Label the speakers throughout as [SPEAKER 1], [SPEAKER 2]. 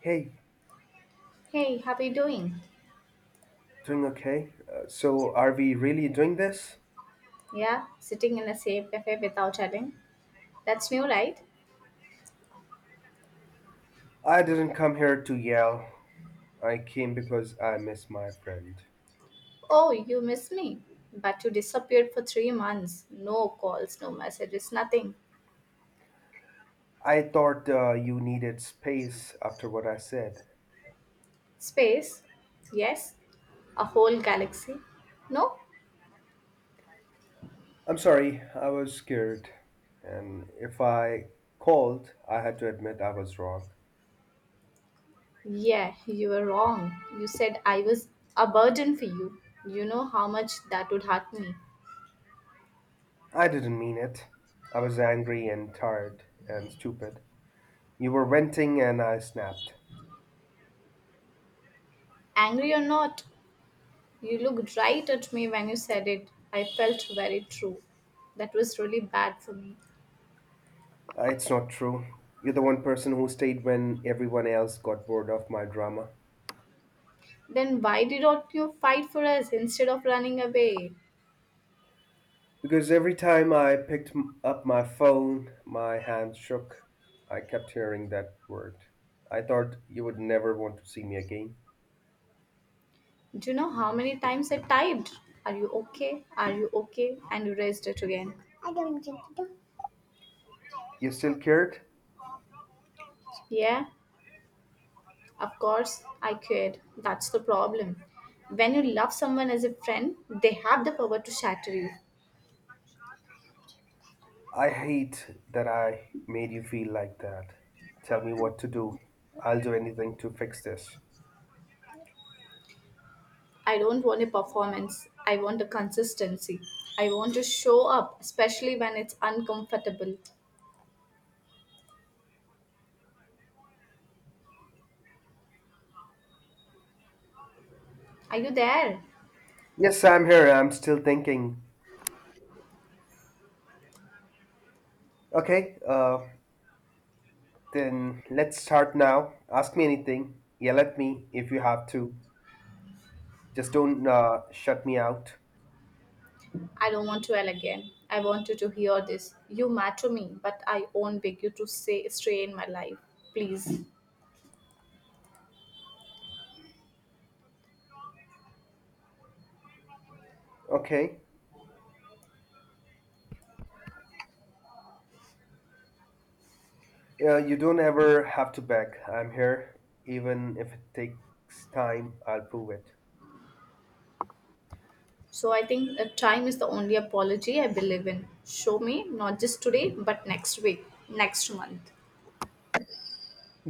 [SPEAKER 1] Hey,
[SPEAKER 2] Hey, how are you doing?
[SPEAKER 1] doing okay? So, are we really doing this?
[SPEAKER 2] Yeah, sitting in a safe cafe without chatting. That's new, right?
[SPEAKER 1] I didn't come here to yell. I came because I miss my friend.
[SPEAKER 2] Oh, you miss me. But you disappeared for 3 months. No calls, no messages, nothing.
[SPEAKER 1] I thought you needed space after what I said.
[SPEAKER 2] Space? Yes. A whole galaxy? No?
[SPEAKER 1] I'm sorry, I was scared. And if I called, I had to admit I was wrong.
[SPEAKER 2] Yeah, you were wrong. You said I was a burden for you. You know how much that would hurt me.
[SPEAKER 1] I didn't mean it. I was angry and tired and stupid. You were venting and I snapped.
[SPEAKER 2] Angry or not, you looked right at me when you said it. I felt very true. That was really bad for me.
[SPEAKER 1] It's not true. You're the one person who stayed when everyone else got bored of my drama.
[SPEAKER 2] Then why did not you fight for us instead of running away?
[SPEAKER 1] Because every time I picked up my phone, my hand shook. I kept hearing that word. I thought you would never want to see me again.
[SPEAKER 2] Do you know how many times I typed? Are you okay? Are you okay? And you raised it again.
[SPEAKER 1] You still cared?
[SPEAKER 2] Yeah, of course, I could. That's the problem. When you love someone as a friend, they have the power to shatter you.
[SPEAKER 1] I hate that I made you feel like that. Tell me what to do. I'll do anything to fix this.
[SPEAKER 2] I don't want a performance. I want a consistency. I want to show up, especially when it's uncomfortable. Are you there?
[SPEAKER 1] Yes, I'm here. I'm still thinking. Okay, then let's start now. Ask me anything. Yell at me if you have to. Just don't shut me out.
[SPEAKER 2] I don't want to yell again. I want you to hear this. You matter to me, but I won't beg you to stay in my life. Please.
[SPEAKER 1] Okay. Yeah, you don't ever have to beg. I'm here. Even if it takes time, I'll prove it.
[SPEAKER 2] So I think time is the only apology I believe in. Show me, not just today, but next week, next month.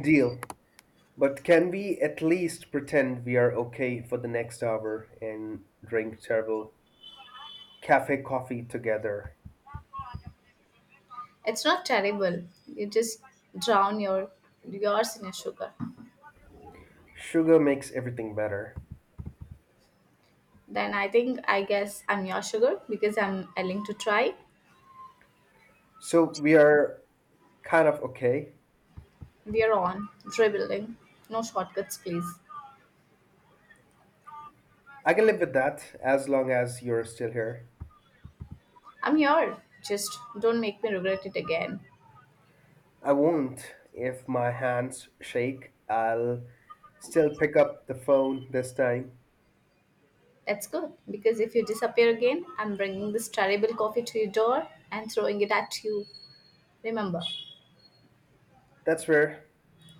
[SPEAKER 1] Deal. But can we at least pretend we are okay for the next hour and drink terrible cafe coffee together?
[SPEAKER 2] It's not terrible. You just drown your yours in your sugar.
[SPEAKER 1] Sugar makes everything better.
[SPEAKER 2] Then I guess I'm your sugar because I'm willing to try.
[SPEAKER 1] So we are kind of okay.
[SPEAKER 2] We are on rebuilding. No shortcuts, please.
[SPEAKER 1] I can live with that as long as you're still here.
[SPEAKER 2] I'm here. Just don't make me regret it again.
[SPEAKER 1] I won't if my hands shake. I'll still pick up the phone this time.
[SPEAKER 2] That's good because if you disappear again, I'm bringing this terrible coffee to your door and throwing it at you. Remember,
[SPEAKER 1] That's rare.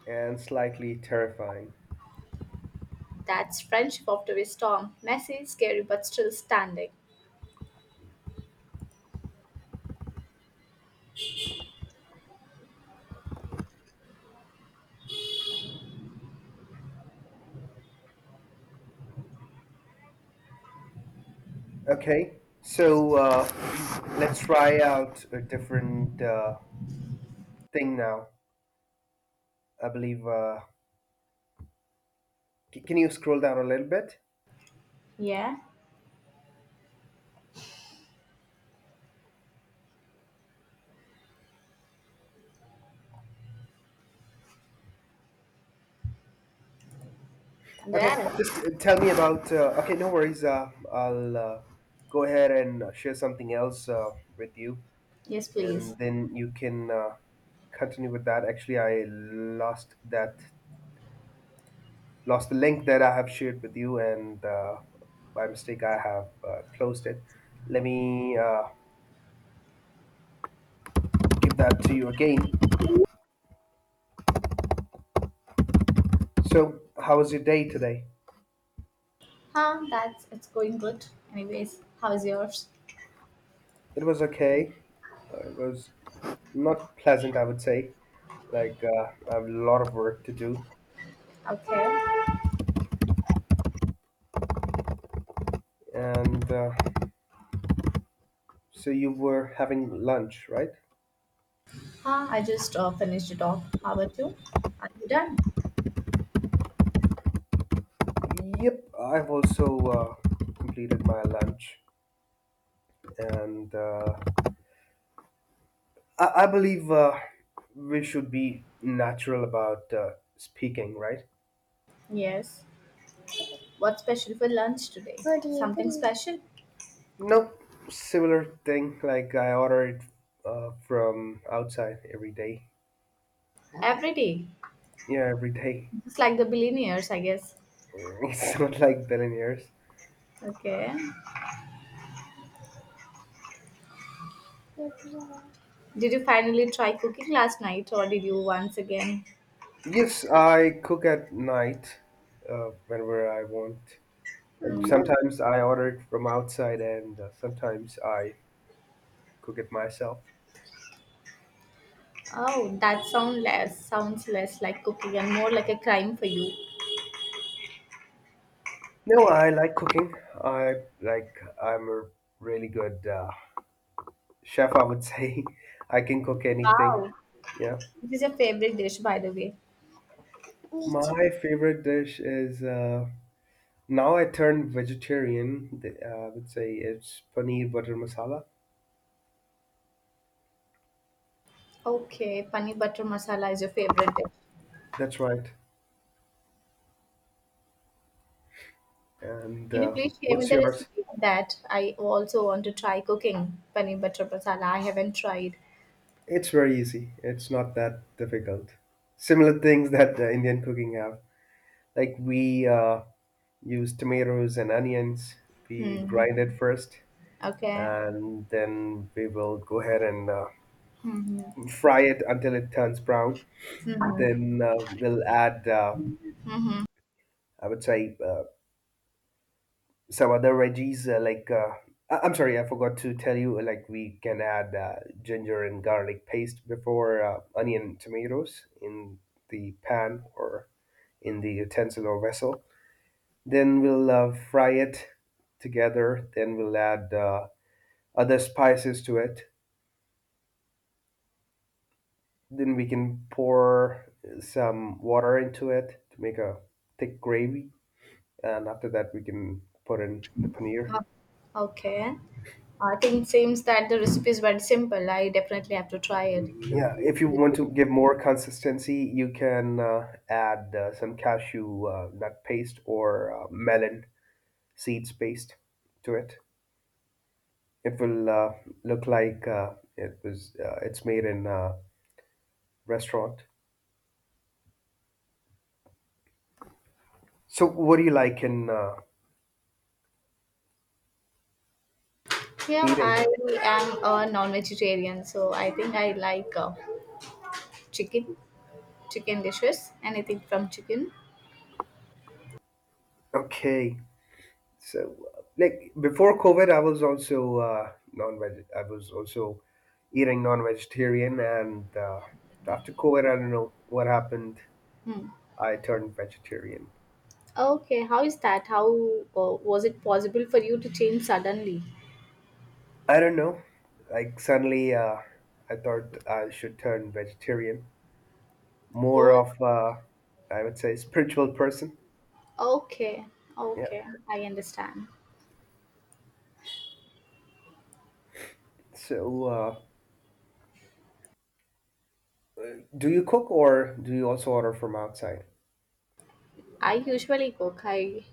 [SPEAKER 1] and slightly terrifying.
[SPEAKER 2] that's friendship after a storm. Messy, scary, but still standing.
[SPEAKER 1] Okay, so let's try out a different thing now. I believe. Can you scroll down a little bit?
[SPEAKER 2] Yeah, and
[SPEAKER 1] Okay,
[SPEAKER 2] there.
[SPEAKER 1] just tell me about. Okay, no worries. I'll go ahead and share something else with you,
[SPEAKER 2] Yes, please.
[SPEAKER 1] and then you can continue with that. Actually, I lost the link that I have shared with you, and by mistake I have closed it. Let me. Give that to you again. So, how was your day today?
[SPEAKER 2] That's it's going good. Anyways, how is yours?
[SPEAKER 1] It was okay. It was not pleasant, I would say. Like, I have a lot of work to do.
[SPEAKER 2] Okay.
[SPEAKER 1] And so, you were having lunch, right?
[SPEAKER 2] I just finished it off. How about you? Are you done?
[SPEAKER 1] Yep, I've also uh, completed my lunch. And I believe we should be natural about speaking, right?
[SPEAKER 2] Yes. What's special for lunch today? What do you Something think? Special?
[SPEAKER 1] No, similar thing. Like I order it from outside every day.
[SPEAKER 2] Every day.
[SPEAKER 1] Yeah, every day.
[SPEAKER 2] It's like the billionaires, I guess.
[SPEAKER 1] It's not like billionaires.
[SPEAKER 2] Okay. Did you finally try cooking last night, or did you once again?
[SPEAKER 1] Yes, I cook at night whenever I want. Like
[SPEAKER 2] Hmm.
[SPEAKER 1] sometimes I order it from outside, and sometimes I cook it myself.
[SPEAKER 2] Oh, that sounds less like cooking and more like a crime for you.
[SPEAKER 1] No, I like cooking. I like. I'm a really good chef, I would say. I can cook anything.
[SPEAKER 2] Wow,
[SPEAKER 1] Yeah.
[SPEAKER 2] this is your favorite dish, by the way.
[SPEAKER 1] My favorite dish is, now I turned vegetarian, I would say it's paneer butter masala.
[SPEAKER 2] Okay, paneer butter masala is your favorite dish.
[SPEAKER 1] That's right. And
[SPEAKER 2] Can you please share me
[SPEAKER 1] what's
[SPEAKER 2] the
[SPEAKER 1] yours?
[SPEAKER 2] recipe of that? I also want to try cooking paneer butter masala. I haven't tried.
[SPEAKER 1] It's very easy. It's not that difficult. Similar things that Indian cooking have. Like we use tomatoes and onions. We
[SPEAKER 2] Hmm.
[SPEAKER 1] grind it first,
[SPEAKER 2] Okay.
[SPEAKER 1] and then we will go ahead and fry it until it turns brown. Then we'll add, I would say, some other veggies like, I'm sorry, I forgot to tell you. Like we can add ginger and garlic paste before onion tomatoes in the pan or in the utensil or vessel. Then we'll fry it together. Then we'll add other spices to it. Then we can pour some water into it to make a thick gravy, and after that we can put in the paneer.
[SPEAKER 2] Uh, Okay. I think it seems that the recipe is very simple. I definitely have to try it.
[SPEAKER 1] Yeah, if you want to give more consistency, you can add some cashew nut paste or melon seeds paste to it. It will look like it was, it's made in a restaurant. So, what do you like in
[SPEAKER 2] Yeah, I
[SPEAKER 1] eating?
[SPEAKER 2] am a non-vegetarian, so I think I like chicken, chicken dishes, anything from chicken.
[SPEAKER 1] Okay, so like before COVID, I was also non-veg. I was also eating non-vegetarian, and after COVID, I don't know what happened.
[SPEAKER 2] Hmm.
[SPEAKER 1] I turned vegetarian.
[SPEAKER 2] Okay, how is that? How was it possible for you to change suddenly?
[SPEAKER 1] I don't know. Like suddenly, I thought I should turn vegetarian. More
[SPEAKER 2] Oh,
[SPEAKER 1] of, I would say, spiritual person.
[SPEAKER 2] okay,
[SPEAKER 1] Yeah.
[SPEAKER 2] okay, I understand.
[SPEAKER 1] So, do you cook or do you also order from outside?
[SPEAKER 2] I usually cook. I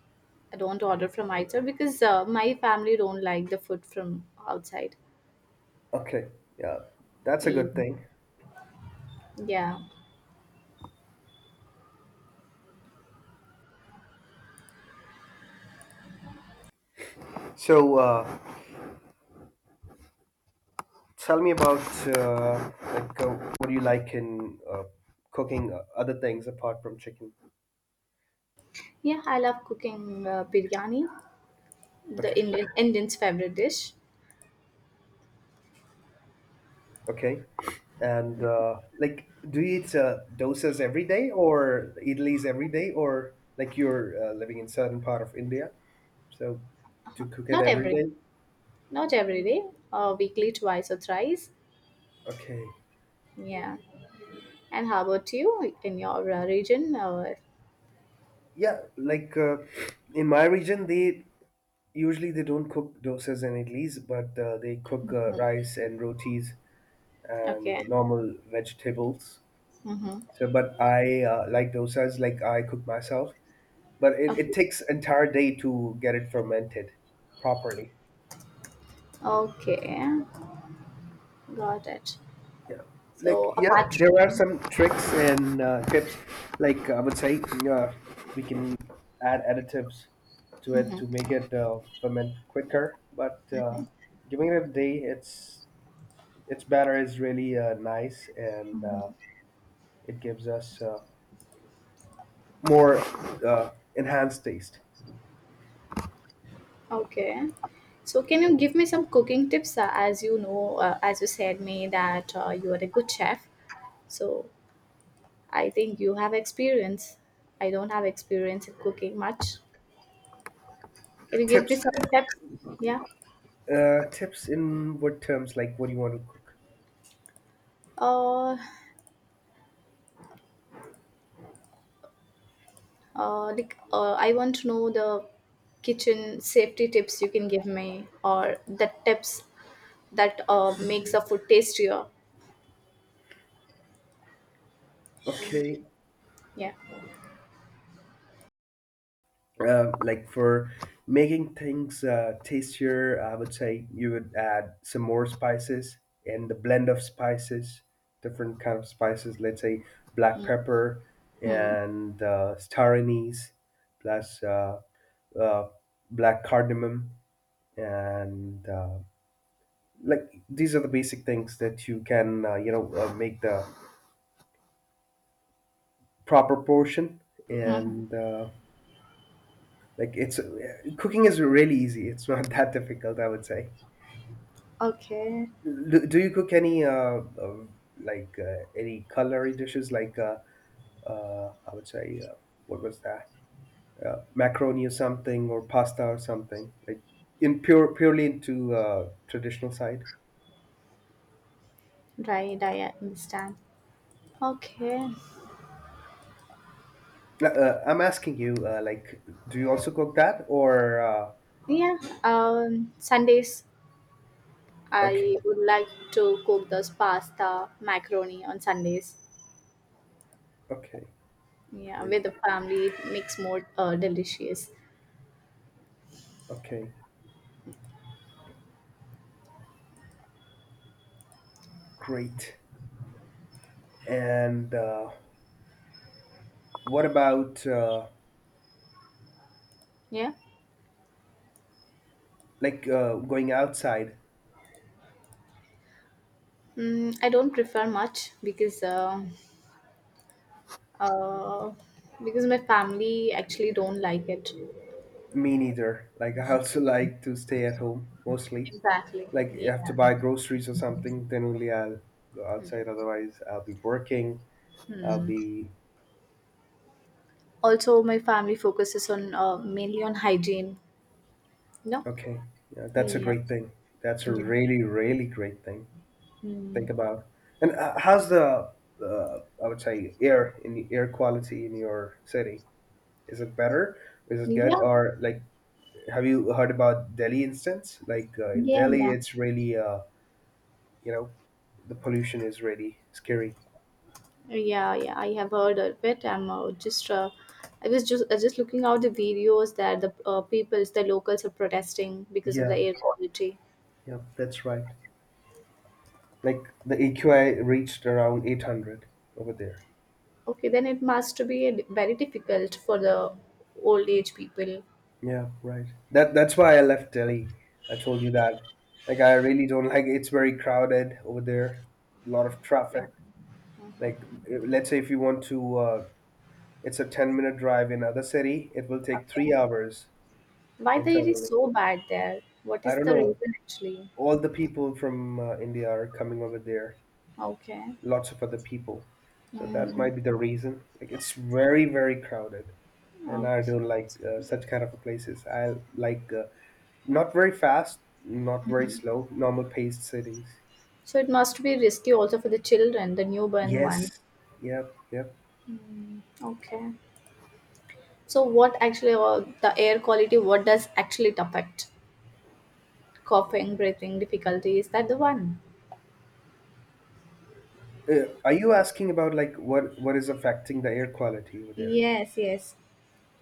[SPEAKER 2] I don't order from outside because my family don't like the food from outside.
[SPEAKER 1] Okay. Yeah, that's a good
[SPEAKER 2] Mm,
[SPEAKER 1] thing.
[SPEAKER 2] yeah,
[SPEAKER 1] So, tell me about, like, what do you like in cooking, other things apart from chicken?
[SPEAKER 2] yeah, I love cooking biryani, the
[SPEAKER 1] Okay.
[SPEAKER 2] Indian Indian's favorite dish.
[SPEAKER 1] Okay. And like, do you eat dosas every day or idlis every day, or like you're living in southern part of India, so to cook it
[SPEAKER 2] Not
[SPEAKER 1] every
[SPEAKER 2] every,
[SPEAKER 1] day?
[SPEAKER 2] not every day, weekly twice or thrice.
[SPEAKER 1] Okay.
[SPEAKER 2] Yeah. And how about you in your region? Or
[SPEAKER 1] Yeah, like in my region, they usually they don't cook dosas and idlis, but they cook
[SPEAKER 2] mhm,
[SPEAKER 1] rice and rotis and
[SPEAKER 2] okay,
[SPEAKER 1] normal vegetables.
[SPEAKER 2] mm-hmm.
[SPEAKER 1] So, but I like dosas, like I cook myself, but it
[SPEAKER 2] Okay,
[SPEAKER 1] takes entire day to get it fermented properly.
[SPEAKER 2] okay, got it.
[SPEAKER 1] Yeah,
[SPEAKER 2] So
[SPEAKER 1] like, yeah,
[SPEAKER 2] apart
[SPEAKER 1] there are
[SPEAKER 2] from,
[SPEAKER 1] some tricks and tips. Like I would say, uh, we can add additives to it
[SPEAKER 2] mhm,
[SPEAKER 1] to make it ferment quicker. But giving it a day, its batter is really nice and it gives us more uh, enhanced taste.
[SPEAKER 2] okay. So, can you give me some cooking tips? As you know, as you said me that you are a good chef. So, I think you have experience. I don't have experience in cooking much. Can you give me
[SPEAKER 1] Tips
[SPEAKER 2] some tips? Yeah.
[SPEAKER 1] tips in what terms? Like, what do you want to cook?
[SPEAKER 2] Uh, like, I want to know the kitchen safety tips you can give me, or the tips that makes the food tastier.
[SPEAKER 1] Okay.
[SPEAKER 2] Yeah.
[SPEAKER 1] Like, for making things tastier, I would say you would add some more spices and the blend of spices, different kind of spices. Let's say black pepper
[SPEAKER 2] Hmm.
[SPEAKER 1] and star anise, plus uh, black cardamom, and like, these are the basic things that you can make the proper portion and. Like it's cooking is really easy. It's not that difficult, I would say.
[SPEAKER 2] Okay.
[SPEAKER 1] Do you cook any like any culinary dishes like I would say what was that macaroni or something or pasta or something like in purely into traditional side?
[SPEAKER 2] Right. I understand. Okay.
[SPEAKER 1] I'm asking you like, do you also cook that or
[SPEAKER 2] Yeah. Sundays, I
[SPEAKER 1] okay,
[SPEAKER 2] would like to cook this pasta, macaroni on Sundays.
[SPEAKER 1] okay,
[SPEAKER 2] Yeah,
[SPEAKER 1] great,
[SPEAKER 2] with the family, it makes more delicious.
[SPEAKER 1] okay, great, and what about
[SPEAKER 2] Yeah,
[SPEAKER 1] like going outside.
[SPEAKER 2] mm, I don't prefer much uh, because my family actually don't like it.
[SPEAKER 1] Me neither, like I also like to stay at home mostly.
[SPEAKER 2] Exactly.
[SPEAKER 1] Like
[SPEAKER 2] Yeah.
[SPEAKER 1] I have to buy groceries or something, then only I'll go outside, otherwise I'll be working, I'll
[SPEAKER 2] Hmm.
[SPEAKER 1] be
[SPEAKER 2] Also, my family focuses on mainly on hygiene. No.
[SPEAKER 1] okay. Yeah, that's a
[SPEAKER 2] Yeah.
[SPEAKER 1] great thing. That's a
[SPEAKER 2] Yeah.
[SPEAKER 1] really, really great thing.
[SPEAKER 2] Hmm.
[SPEAKER 1] Think about, and how's the, I would say, air in the air quality in your city? Is it better? Is it good?
[SPEAKER 2] Yeah.
[SPEAKER 1] Or like, have you heard about Delhi instance? Like in
[SPEAKER 2] Yeah.
[SPEAKER 1] Delhi
[SPEAKER 2] Yeah.
[SPEAKER 1] it's really, you know the pollution is really scary.
[SPEAKER 2] Yeah, yeah, I have heard of it. I'm just, I was just looking out the videos that the peoples, the locals are protesting because of the
[SPEAKER 1] Yeah,
[SPEAKER 2] air quality.
[SPEAKER 1] yeah, that's right. Like the AQI reached around 800 over there.
[SPEAKER 2] Okay, then it must be very difficult for the old age people.
[SPEAKER 1] Yeah, right, that's why I left Delhi. I told you that. Like, I really don't like, it's very crowded over there. A lot of
[SPEAKER 2] Yeah.
[SPEAKER 1] traffic. Like, let's say if you want to, it's a 10-minute drive, in other city it will take
[SPEAKER 2] Okay.
[SPEAKER 1] 3 hours.
[SPEAKER 2] Why the air is
[SPEAKER 1] Internally,
[SPEAKER 2] so bad there? What
[SPEAKER 1] I
[SPEAKER 2] is
[SPEAKER 1] don't
[SPEAKER 2] the
[SPEAKER 1] know.
[SPEAKER 2] reason actually?
[SPEAKER 1] All the people from India are coming over there.
[SPEAKER 2] Okay.
[SPEAKER 1] Lots of other people. So that
[SPEAKER 2] Mm.
[SPEAKER 1] might be the reason. Like, it's very, very crowded, and I
[SPEAKER 2] Okay.
[SPEAKER 1] don't like such kind of a places. I like, not very fast, not very slow, normal paced cities.
[SPEAKER 2] So it must be risky also for the children, the newborn one.
[SPEAKER 1] Yes. Yep. Yep.
[SPEAKER 2] Okay. So what actually, the air quality? What does actually it affect? Coughing, breathing difficulty. Is that the one?
[SPEAKER 1] Are you asking about like, what is affecting the air quality over there?
[SPEAKER 2] Yes, yes.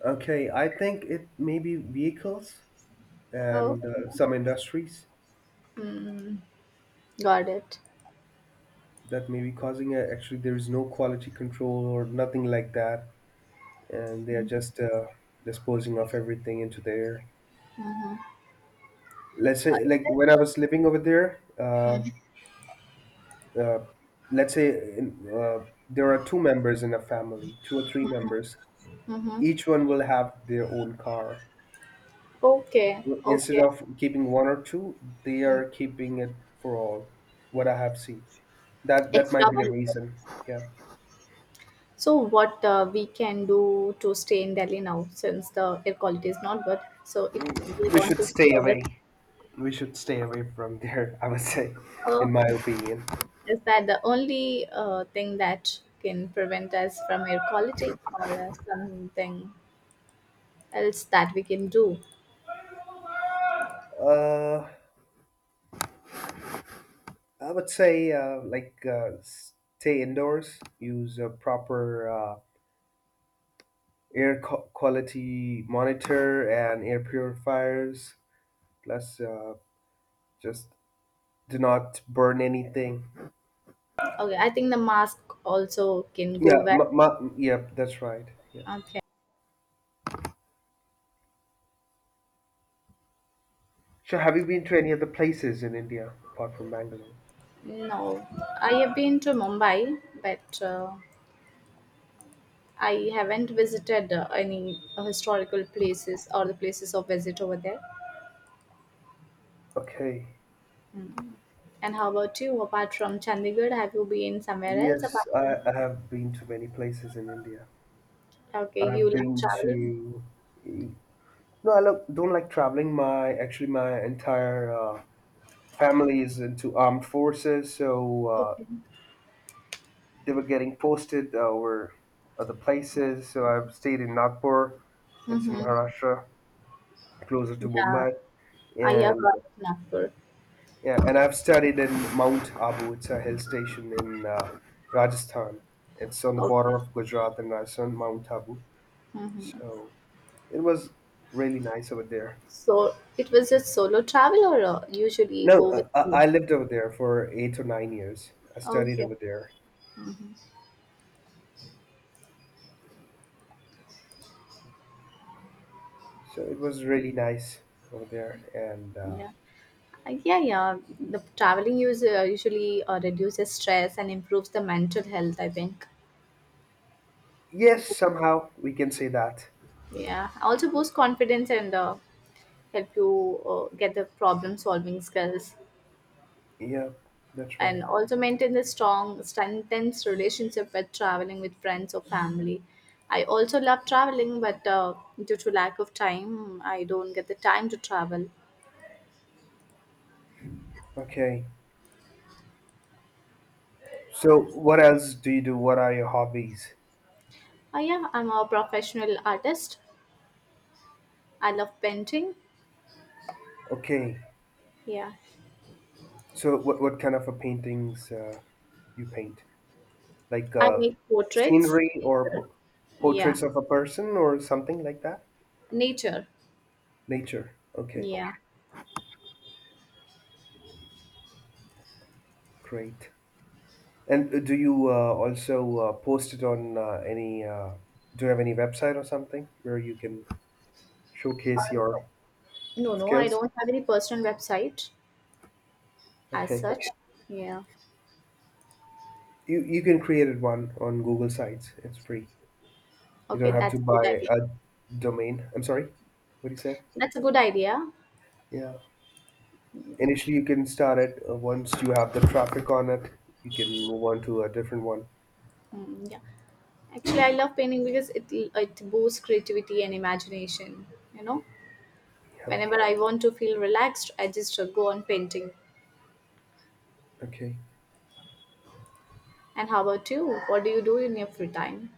[SPEAKER 1] Okay, I think it may be vehicles and
[SPEAKER 2] Okay.
[SPEAKER 1] some industries
[SPEAKER 2] Mm, got it.
[SPEAKER 1] that may be causing it. Actually, there is no quality control or nothing like that, and they are just disposing of everything into the air. Let's say,
[SPEAKER 2] Is
[SPEAKER 1] like
[SPEAKER 2] that?
[SPEAKER 1] when I was living over there, uh, let's say in, there are two members in a family, two or three members.
[SPEAKER 2] Mm-hmm.
[SPEAKER 1] Each one will have their own car.
[SPEAKER 2] Okay,
[SPEAKER 1] Instead
[SPEAKER 2] okay.
[SPEAKER 1] of keeping one or two, they
[SPEAKER 2] Mm.
[SPEAKER 1] are keeping it for all. What I have seen, that
[SPEAKER 2] Extra
[SPEAKER 1] might be the
[SPEAKER 2] one.
[SPEAKER 1] reason. Yeah,
[SPEAKER 2] So, what we can do to stay in Delhi now, since the air quality is not good. So, if we
[SPEAKER 1] we
[SPEAKER 2] want
[SPEAKER 1] should
[SPEAKER 2] to stay
[SPEAKER 1] stay
[SPEAKER 2] over,
[SPEAKER 1] away. We should stay away from there. I would say,
[SPEAKER 2] uh,
[SPEAKER 1] in my opinion.
[SPEAKER 2] is that the only thing that can prevent us from air quality, or something else that we can do?
[SPEAKER 1] Uh, I would say, like, stay indoors, use a proper air quality monitor and air purifiers. Plus, just do not burn anything.
[SPEAKER 2] Okay, I think the mask also can go
[SPEAKER 1] Yeah,
[SPEAKER 2] well.
[SPEAKER 1] yeah, that's right. Yeah.
[SPEAKER 2] Okay.
[SPEAKER 1] So, have you been to any other places in India apart from Bangalore?
[SPEAKER 2] No, I have been to Mumbai, but I haven't visited any historical places or the places of visit over there.
[SPEAKER 1] Okay.
[SPEAKER 2] Mm. And how about you? Apart from Chandigarh, have you been somewhere else
[SPEAKER 1] Yes,
[SPEAKER 2] apart
[SPEAKER 1] I,
[SPEAKER 2] from?
[SPEAKER 1] I have been to many places in India.
[SPEAKER 2] Okay, you
[SPEAKER 1] I've
[SPEAKER 2] love
[SPEAKER 1] been
[SPEAKER 2] traveling.
[SPEAKER 1] to. No, I don't like traveling. My actually, my entire families into armed forces, so
[SPEAKER 2] Okay.
[SPEAKER 1] they were getting posted over other places. So I've stayed in Nagpur, it's in
[SPEAKER 2] Mm-hmm.
[SPEAKER 1] Maharashtra, closer to
[SPEAKER 2] Yeah,
[SPEAKER 1] Mumbai,
[SPEAKER 2] I have
[SPEAKER 1] and
[SPEAKER 2] heard of Nagpur.
[SPEAKER 1] yeah, and I've studied in Mount Abu. It's a hill station in Rajasthan. It's on the
[SPEAKER 2] Okay.
[SPEAKER 1] border of Gujarat and Rajasthan, Mount Abu.
[SPEAKER 2] Mm-hmm.
[SPEAKER 1] So it was really nice over there.
[SPEAKER 2] So it was just solo travel, or usually
[SPEAKER 1] No,
[SPEAKER 2] go with you?
[SPEAKER 1] I lived over there for 8 or 9 years. I studied
[SPEAKER 2] Okay.
[SPEAKER 1] over there. So it was really nice over there. And
[SPEAKER 2] Yeah, yeah, yeah. The traveling use usually reduces stress and improves the mental health. I think.
[SPEAKER 1] yes, somehow we can say that.
[SPEAKER 2] Yeah, also boost confidence and help you get the problem solving skills,
[SPEAKER 1] Yeah, that's right.
[SPEAKER 2] and also maintain the strong, strengthens relationship with traveling with friends or family. I also love traveling, but due to lack of time, I don't get the time to travel.
[SPEAKER 1] Okay. So what else do you do? What are your hobbies?
[SPEAKER 2] Yeah, I'm a professional artist. I love painting.
[SPEAKER 1] Okay.
[SPEAKER 2] Yeah,
[SPEAKER 1] So what kind of a paintings you paint? Like
[SPEAKER 2] I make portraits.
[SPEAKER 1] scenery or
[SPEAKER 2] Nature. Yeah.
[SPEAKER 1] portraits of a person or something like that?
[SPEAKER 2] Nature.
[SPEAKER 1] Nature. Okay,
[SPEAKER 2] Yeah.
[SPEAKER 1] great. And do you also post it on any, do you have any website or something where you can
[SPEAKER 2] Uh,
[SPEAKER 1] showcase your
[SPEAKER 2] no. No, no, I
[SPEAKER 1] skills?
[SPEAKER 2] don't have any personal website as
[SPEAKER 1] Okay.
[SPEAKER 2] such. Yeah.
[SPEAKER 1] You can create one on Google Sites. It's free. You
[SPEAKER 2] Okay,
[SPEAKER 1] don't have to
[SPEAKER 2] that's a good
[SPEAKER 1] buy
[SPEAKER 2] idea.
[SPEAKER 1] a domain. I'm sorry. What you said?
[SPEAKER 2] That's a good idea.
[SPEAKER 1] Yeah. Initially, you can start it. Once you have the traffic on it, you can move on to a different one.
[SPEAKER 2] Mm, yeah. Actually, I love painting because it boosts creativity and imagination, you know.
[SPEAKER 1] Yep.
[SPEAKER 2] Whenever I want to feel relaxed, I just go on painting.
[SPEAKER 1] Okay.
[SPEAKER 2] And how about you? What do you do in your free time?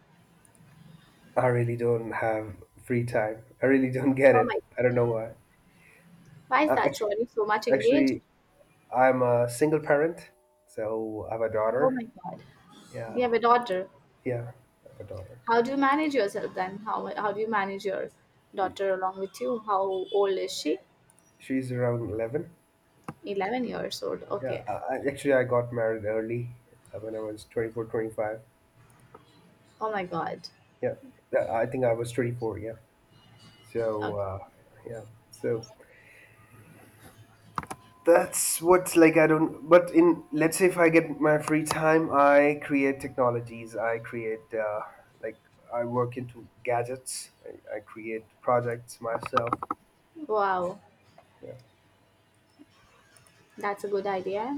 [SPEAKER 1] I really don't have free time. I really don't get
[SPEAKER 2] Oh my,
[SPEAKER 1] it. I don't know why.
[SPEAKER 2] why is
[SPEAKER 1] Uh,
[SPEAKER 2] that? So,
[SPEAKER 1] actually,
[SPEAKER 2] are you so much engaged?
[SPEAKER 1] actually, I'm a single parent, so I have a
[SPEAKER 2] Oh my
[SPEAKER 1] daughter.
[SPEAKER 2] God. You
[SPEAKER 1] Yeah,
[SPEAKER 2] have a daughter.
[SPEAKER 1] yeah, I have a daughter.
[SPEAKER 2] How do you manage yourself then? How do you manage your daughter along with you? How old is she?
[SPEAKER 1] She's around 11.
[SPEAKER 2] 11 years old.
[SPEAKER 1] Yeah,
[SPEAKER 2] Okay.
[SPEAKER 1] actually, I got married early when I was 24, 25.
[SPEAKER 2] Oh my god.
[SPEAKER 1] Yeah, I think I was 24. Yeah. So,
[SPEAKER 2] Okay.
[SPEAKER 1] yeah. So that's what's like, I don't, but in, let's say if I get my free time, I create technologies. I create, like, I work into gadgets. I create projects myself.
[SPEAKER 2] Wow.
[SPEAKER 1] Yeah.
[SPEAKER 2] That's a good idea.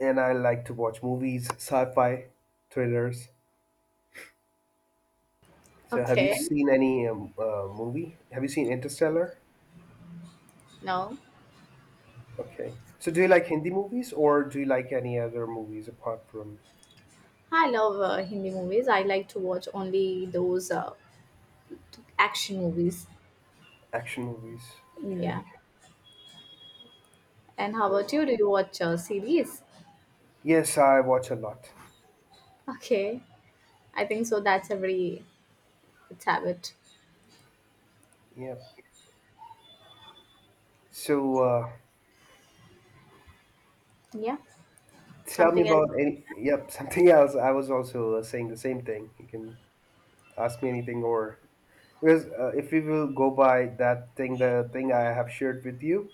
[SPEAKER 1] And I like to watch movies, sci-fi, thrillers. So have you
[SPEAKER 2] Okay.
[SPEAKER 1] seen any movie? Have you seen Interstellar?
[SPEAKER 2] No.
[SPEAKER 1] Okay. So do you like Hindi movies or do you like any other movies apart from
[SPEAKER 2] I love Hindi movies. I like to watch only those action movies.
[SPEAKER 1] action movies?
[SPEAKER 2] Yeah.
[SPEAKER 1] Okay,
[SPEAKER 2] And how
[SPEAKER 1] great.
[SPEAKER 2] about you? Do you watch series?
[SPEAKER 1] Yes, I watch a lot.
[SPEAKER 2] Okay. I think so that's a very good habit.
[SPEAKER 1] Yep. So
[SPEAKER 2] Yeah.
[SPEAKER 1] tell me
[SPEAKER 2] Something else.
[SPEAKER 1] about any, yep, something else. I was also saying the same thing. You can ask me anything, or because if we will go by that thing, the thing I have shared with you,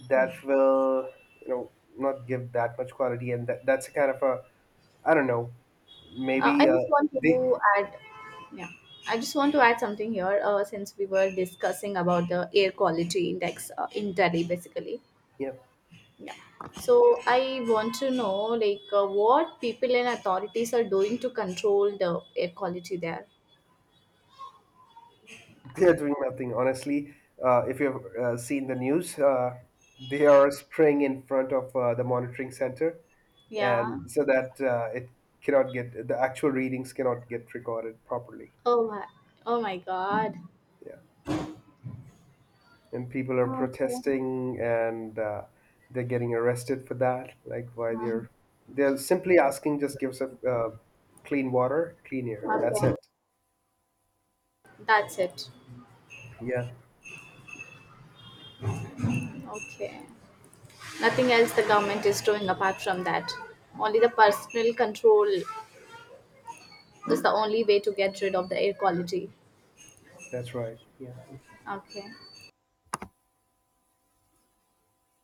[SPEAKER 1] that will not give that much quality, and that's a kind of a, I don't know,
[SPEAKER 2] I
[SPEAKER 1] maybe
[SPEAKER 2] just want
[SPEAKER 1] they,
[SPEAKER 2] to add, yeah. I just want to add something here. Since we were discussing about the air quality index in Delhi, basically.
[SPEAKER 1] yeah.
[SPEAKER 2] Yeah. So I want to know, like, what people and authorities are doing to control the air quality there.
[SPEAKER 1] They're doing nothing, honestly. If you've seen the news, they are spraying in front of the monitoring center,
[SPEAKER 2] Yeah.
[SPEAKER 1] and so that it cannot get the actual readings cannot get recorded properly.
[SPEAKER 2] Oh my, oh my God.
[SPEAKER 1] Yeah, and people are protesting, and they're getting arrested for that. Like, why they're simply asking, just give us a, clean water, clean air. That's
[SPEAKER 2] Okay,
[SPEAKER 1] it.
[SPEAKER 2] that's it.
[SPEAKER 1] Yeah,
[SPEAKER 2] Okay, nothing else the government is doing apart from that. Only the personal control, that's the only way to get rid of the air quality.
[SPEAKER 1] that's right. Yeah.
[SPEAKER 2] Okay.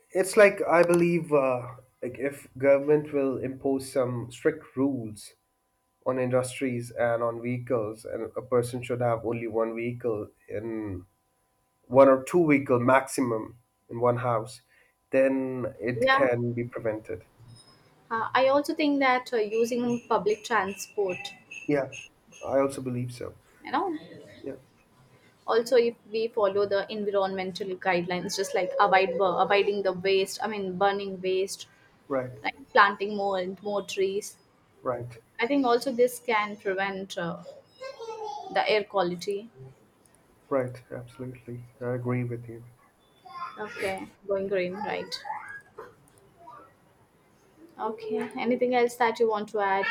[SPEAKER 1] It's like I believe, like if government will impose some strict rules on industries and on vehicles, and a person should have only one vehicle in one or two vehicle maximum in one house, then it
[SPEAKER 2] Yeah,
[SPEAKER 1] can be prevented.
[SPEAKER 2] I also think that using public transport,
[SPEAKER 1] Yeah, I also believe so.
[SPEAKER 2] you know,
[SPEAKER 1] Yeah,
[SPEAKER 2] also if we follow the environmental guidelines, just like avoiding the waste, I mean, burning waste,
[SPEAKER 1] right,
[SPEAKER 2] like planting more and more trees.
[SPEAKER 1] right,
[SPEAKER 2] I think also this can prevent the air quality.
[SPEAKER 1] right. Absolutely, I agree with you.
[SPEAKER 2] Okay, going green, right? Okay, anything else that you want to add?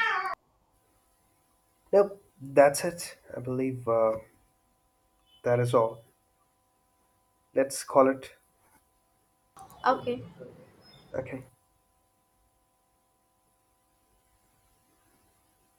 [SPEAKER 1] Nope, that's it. I believe that is all. Let's call it.
[SPEAKER 2] Okay.
[SPEAKER 1] Okay.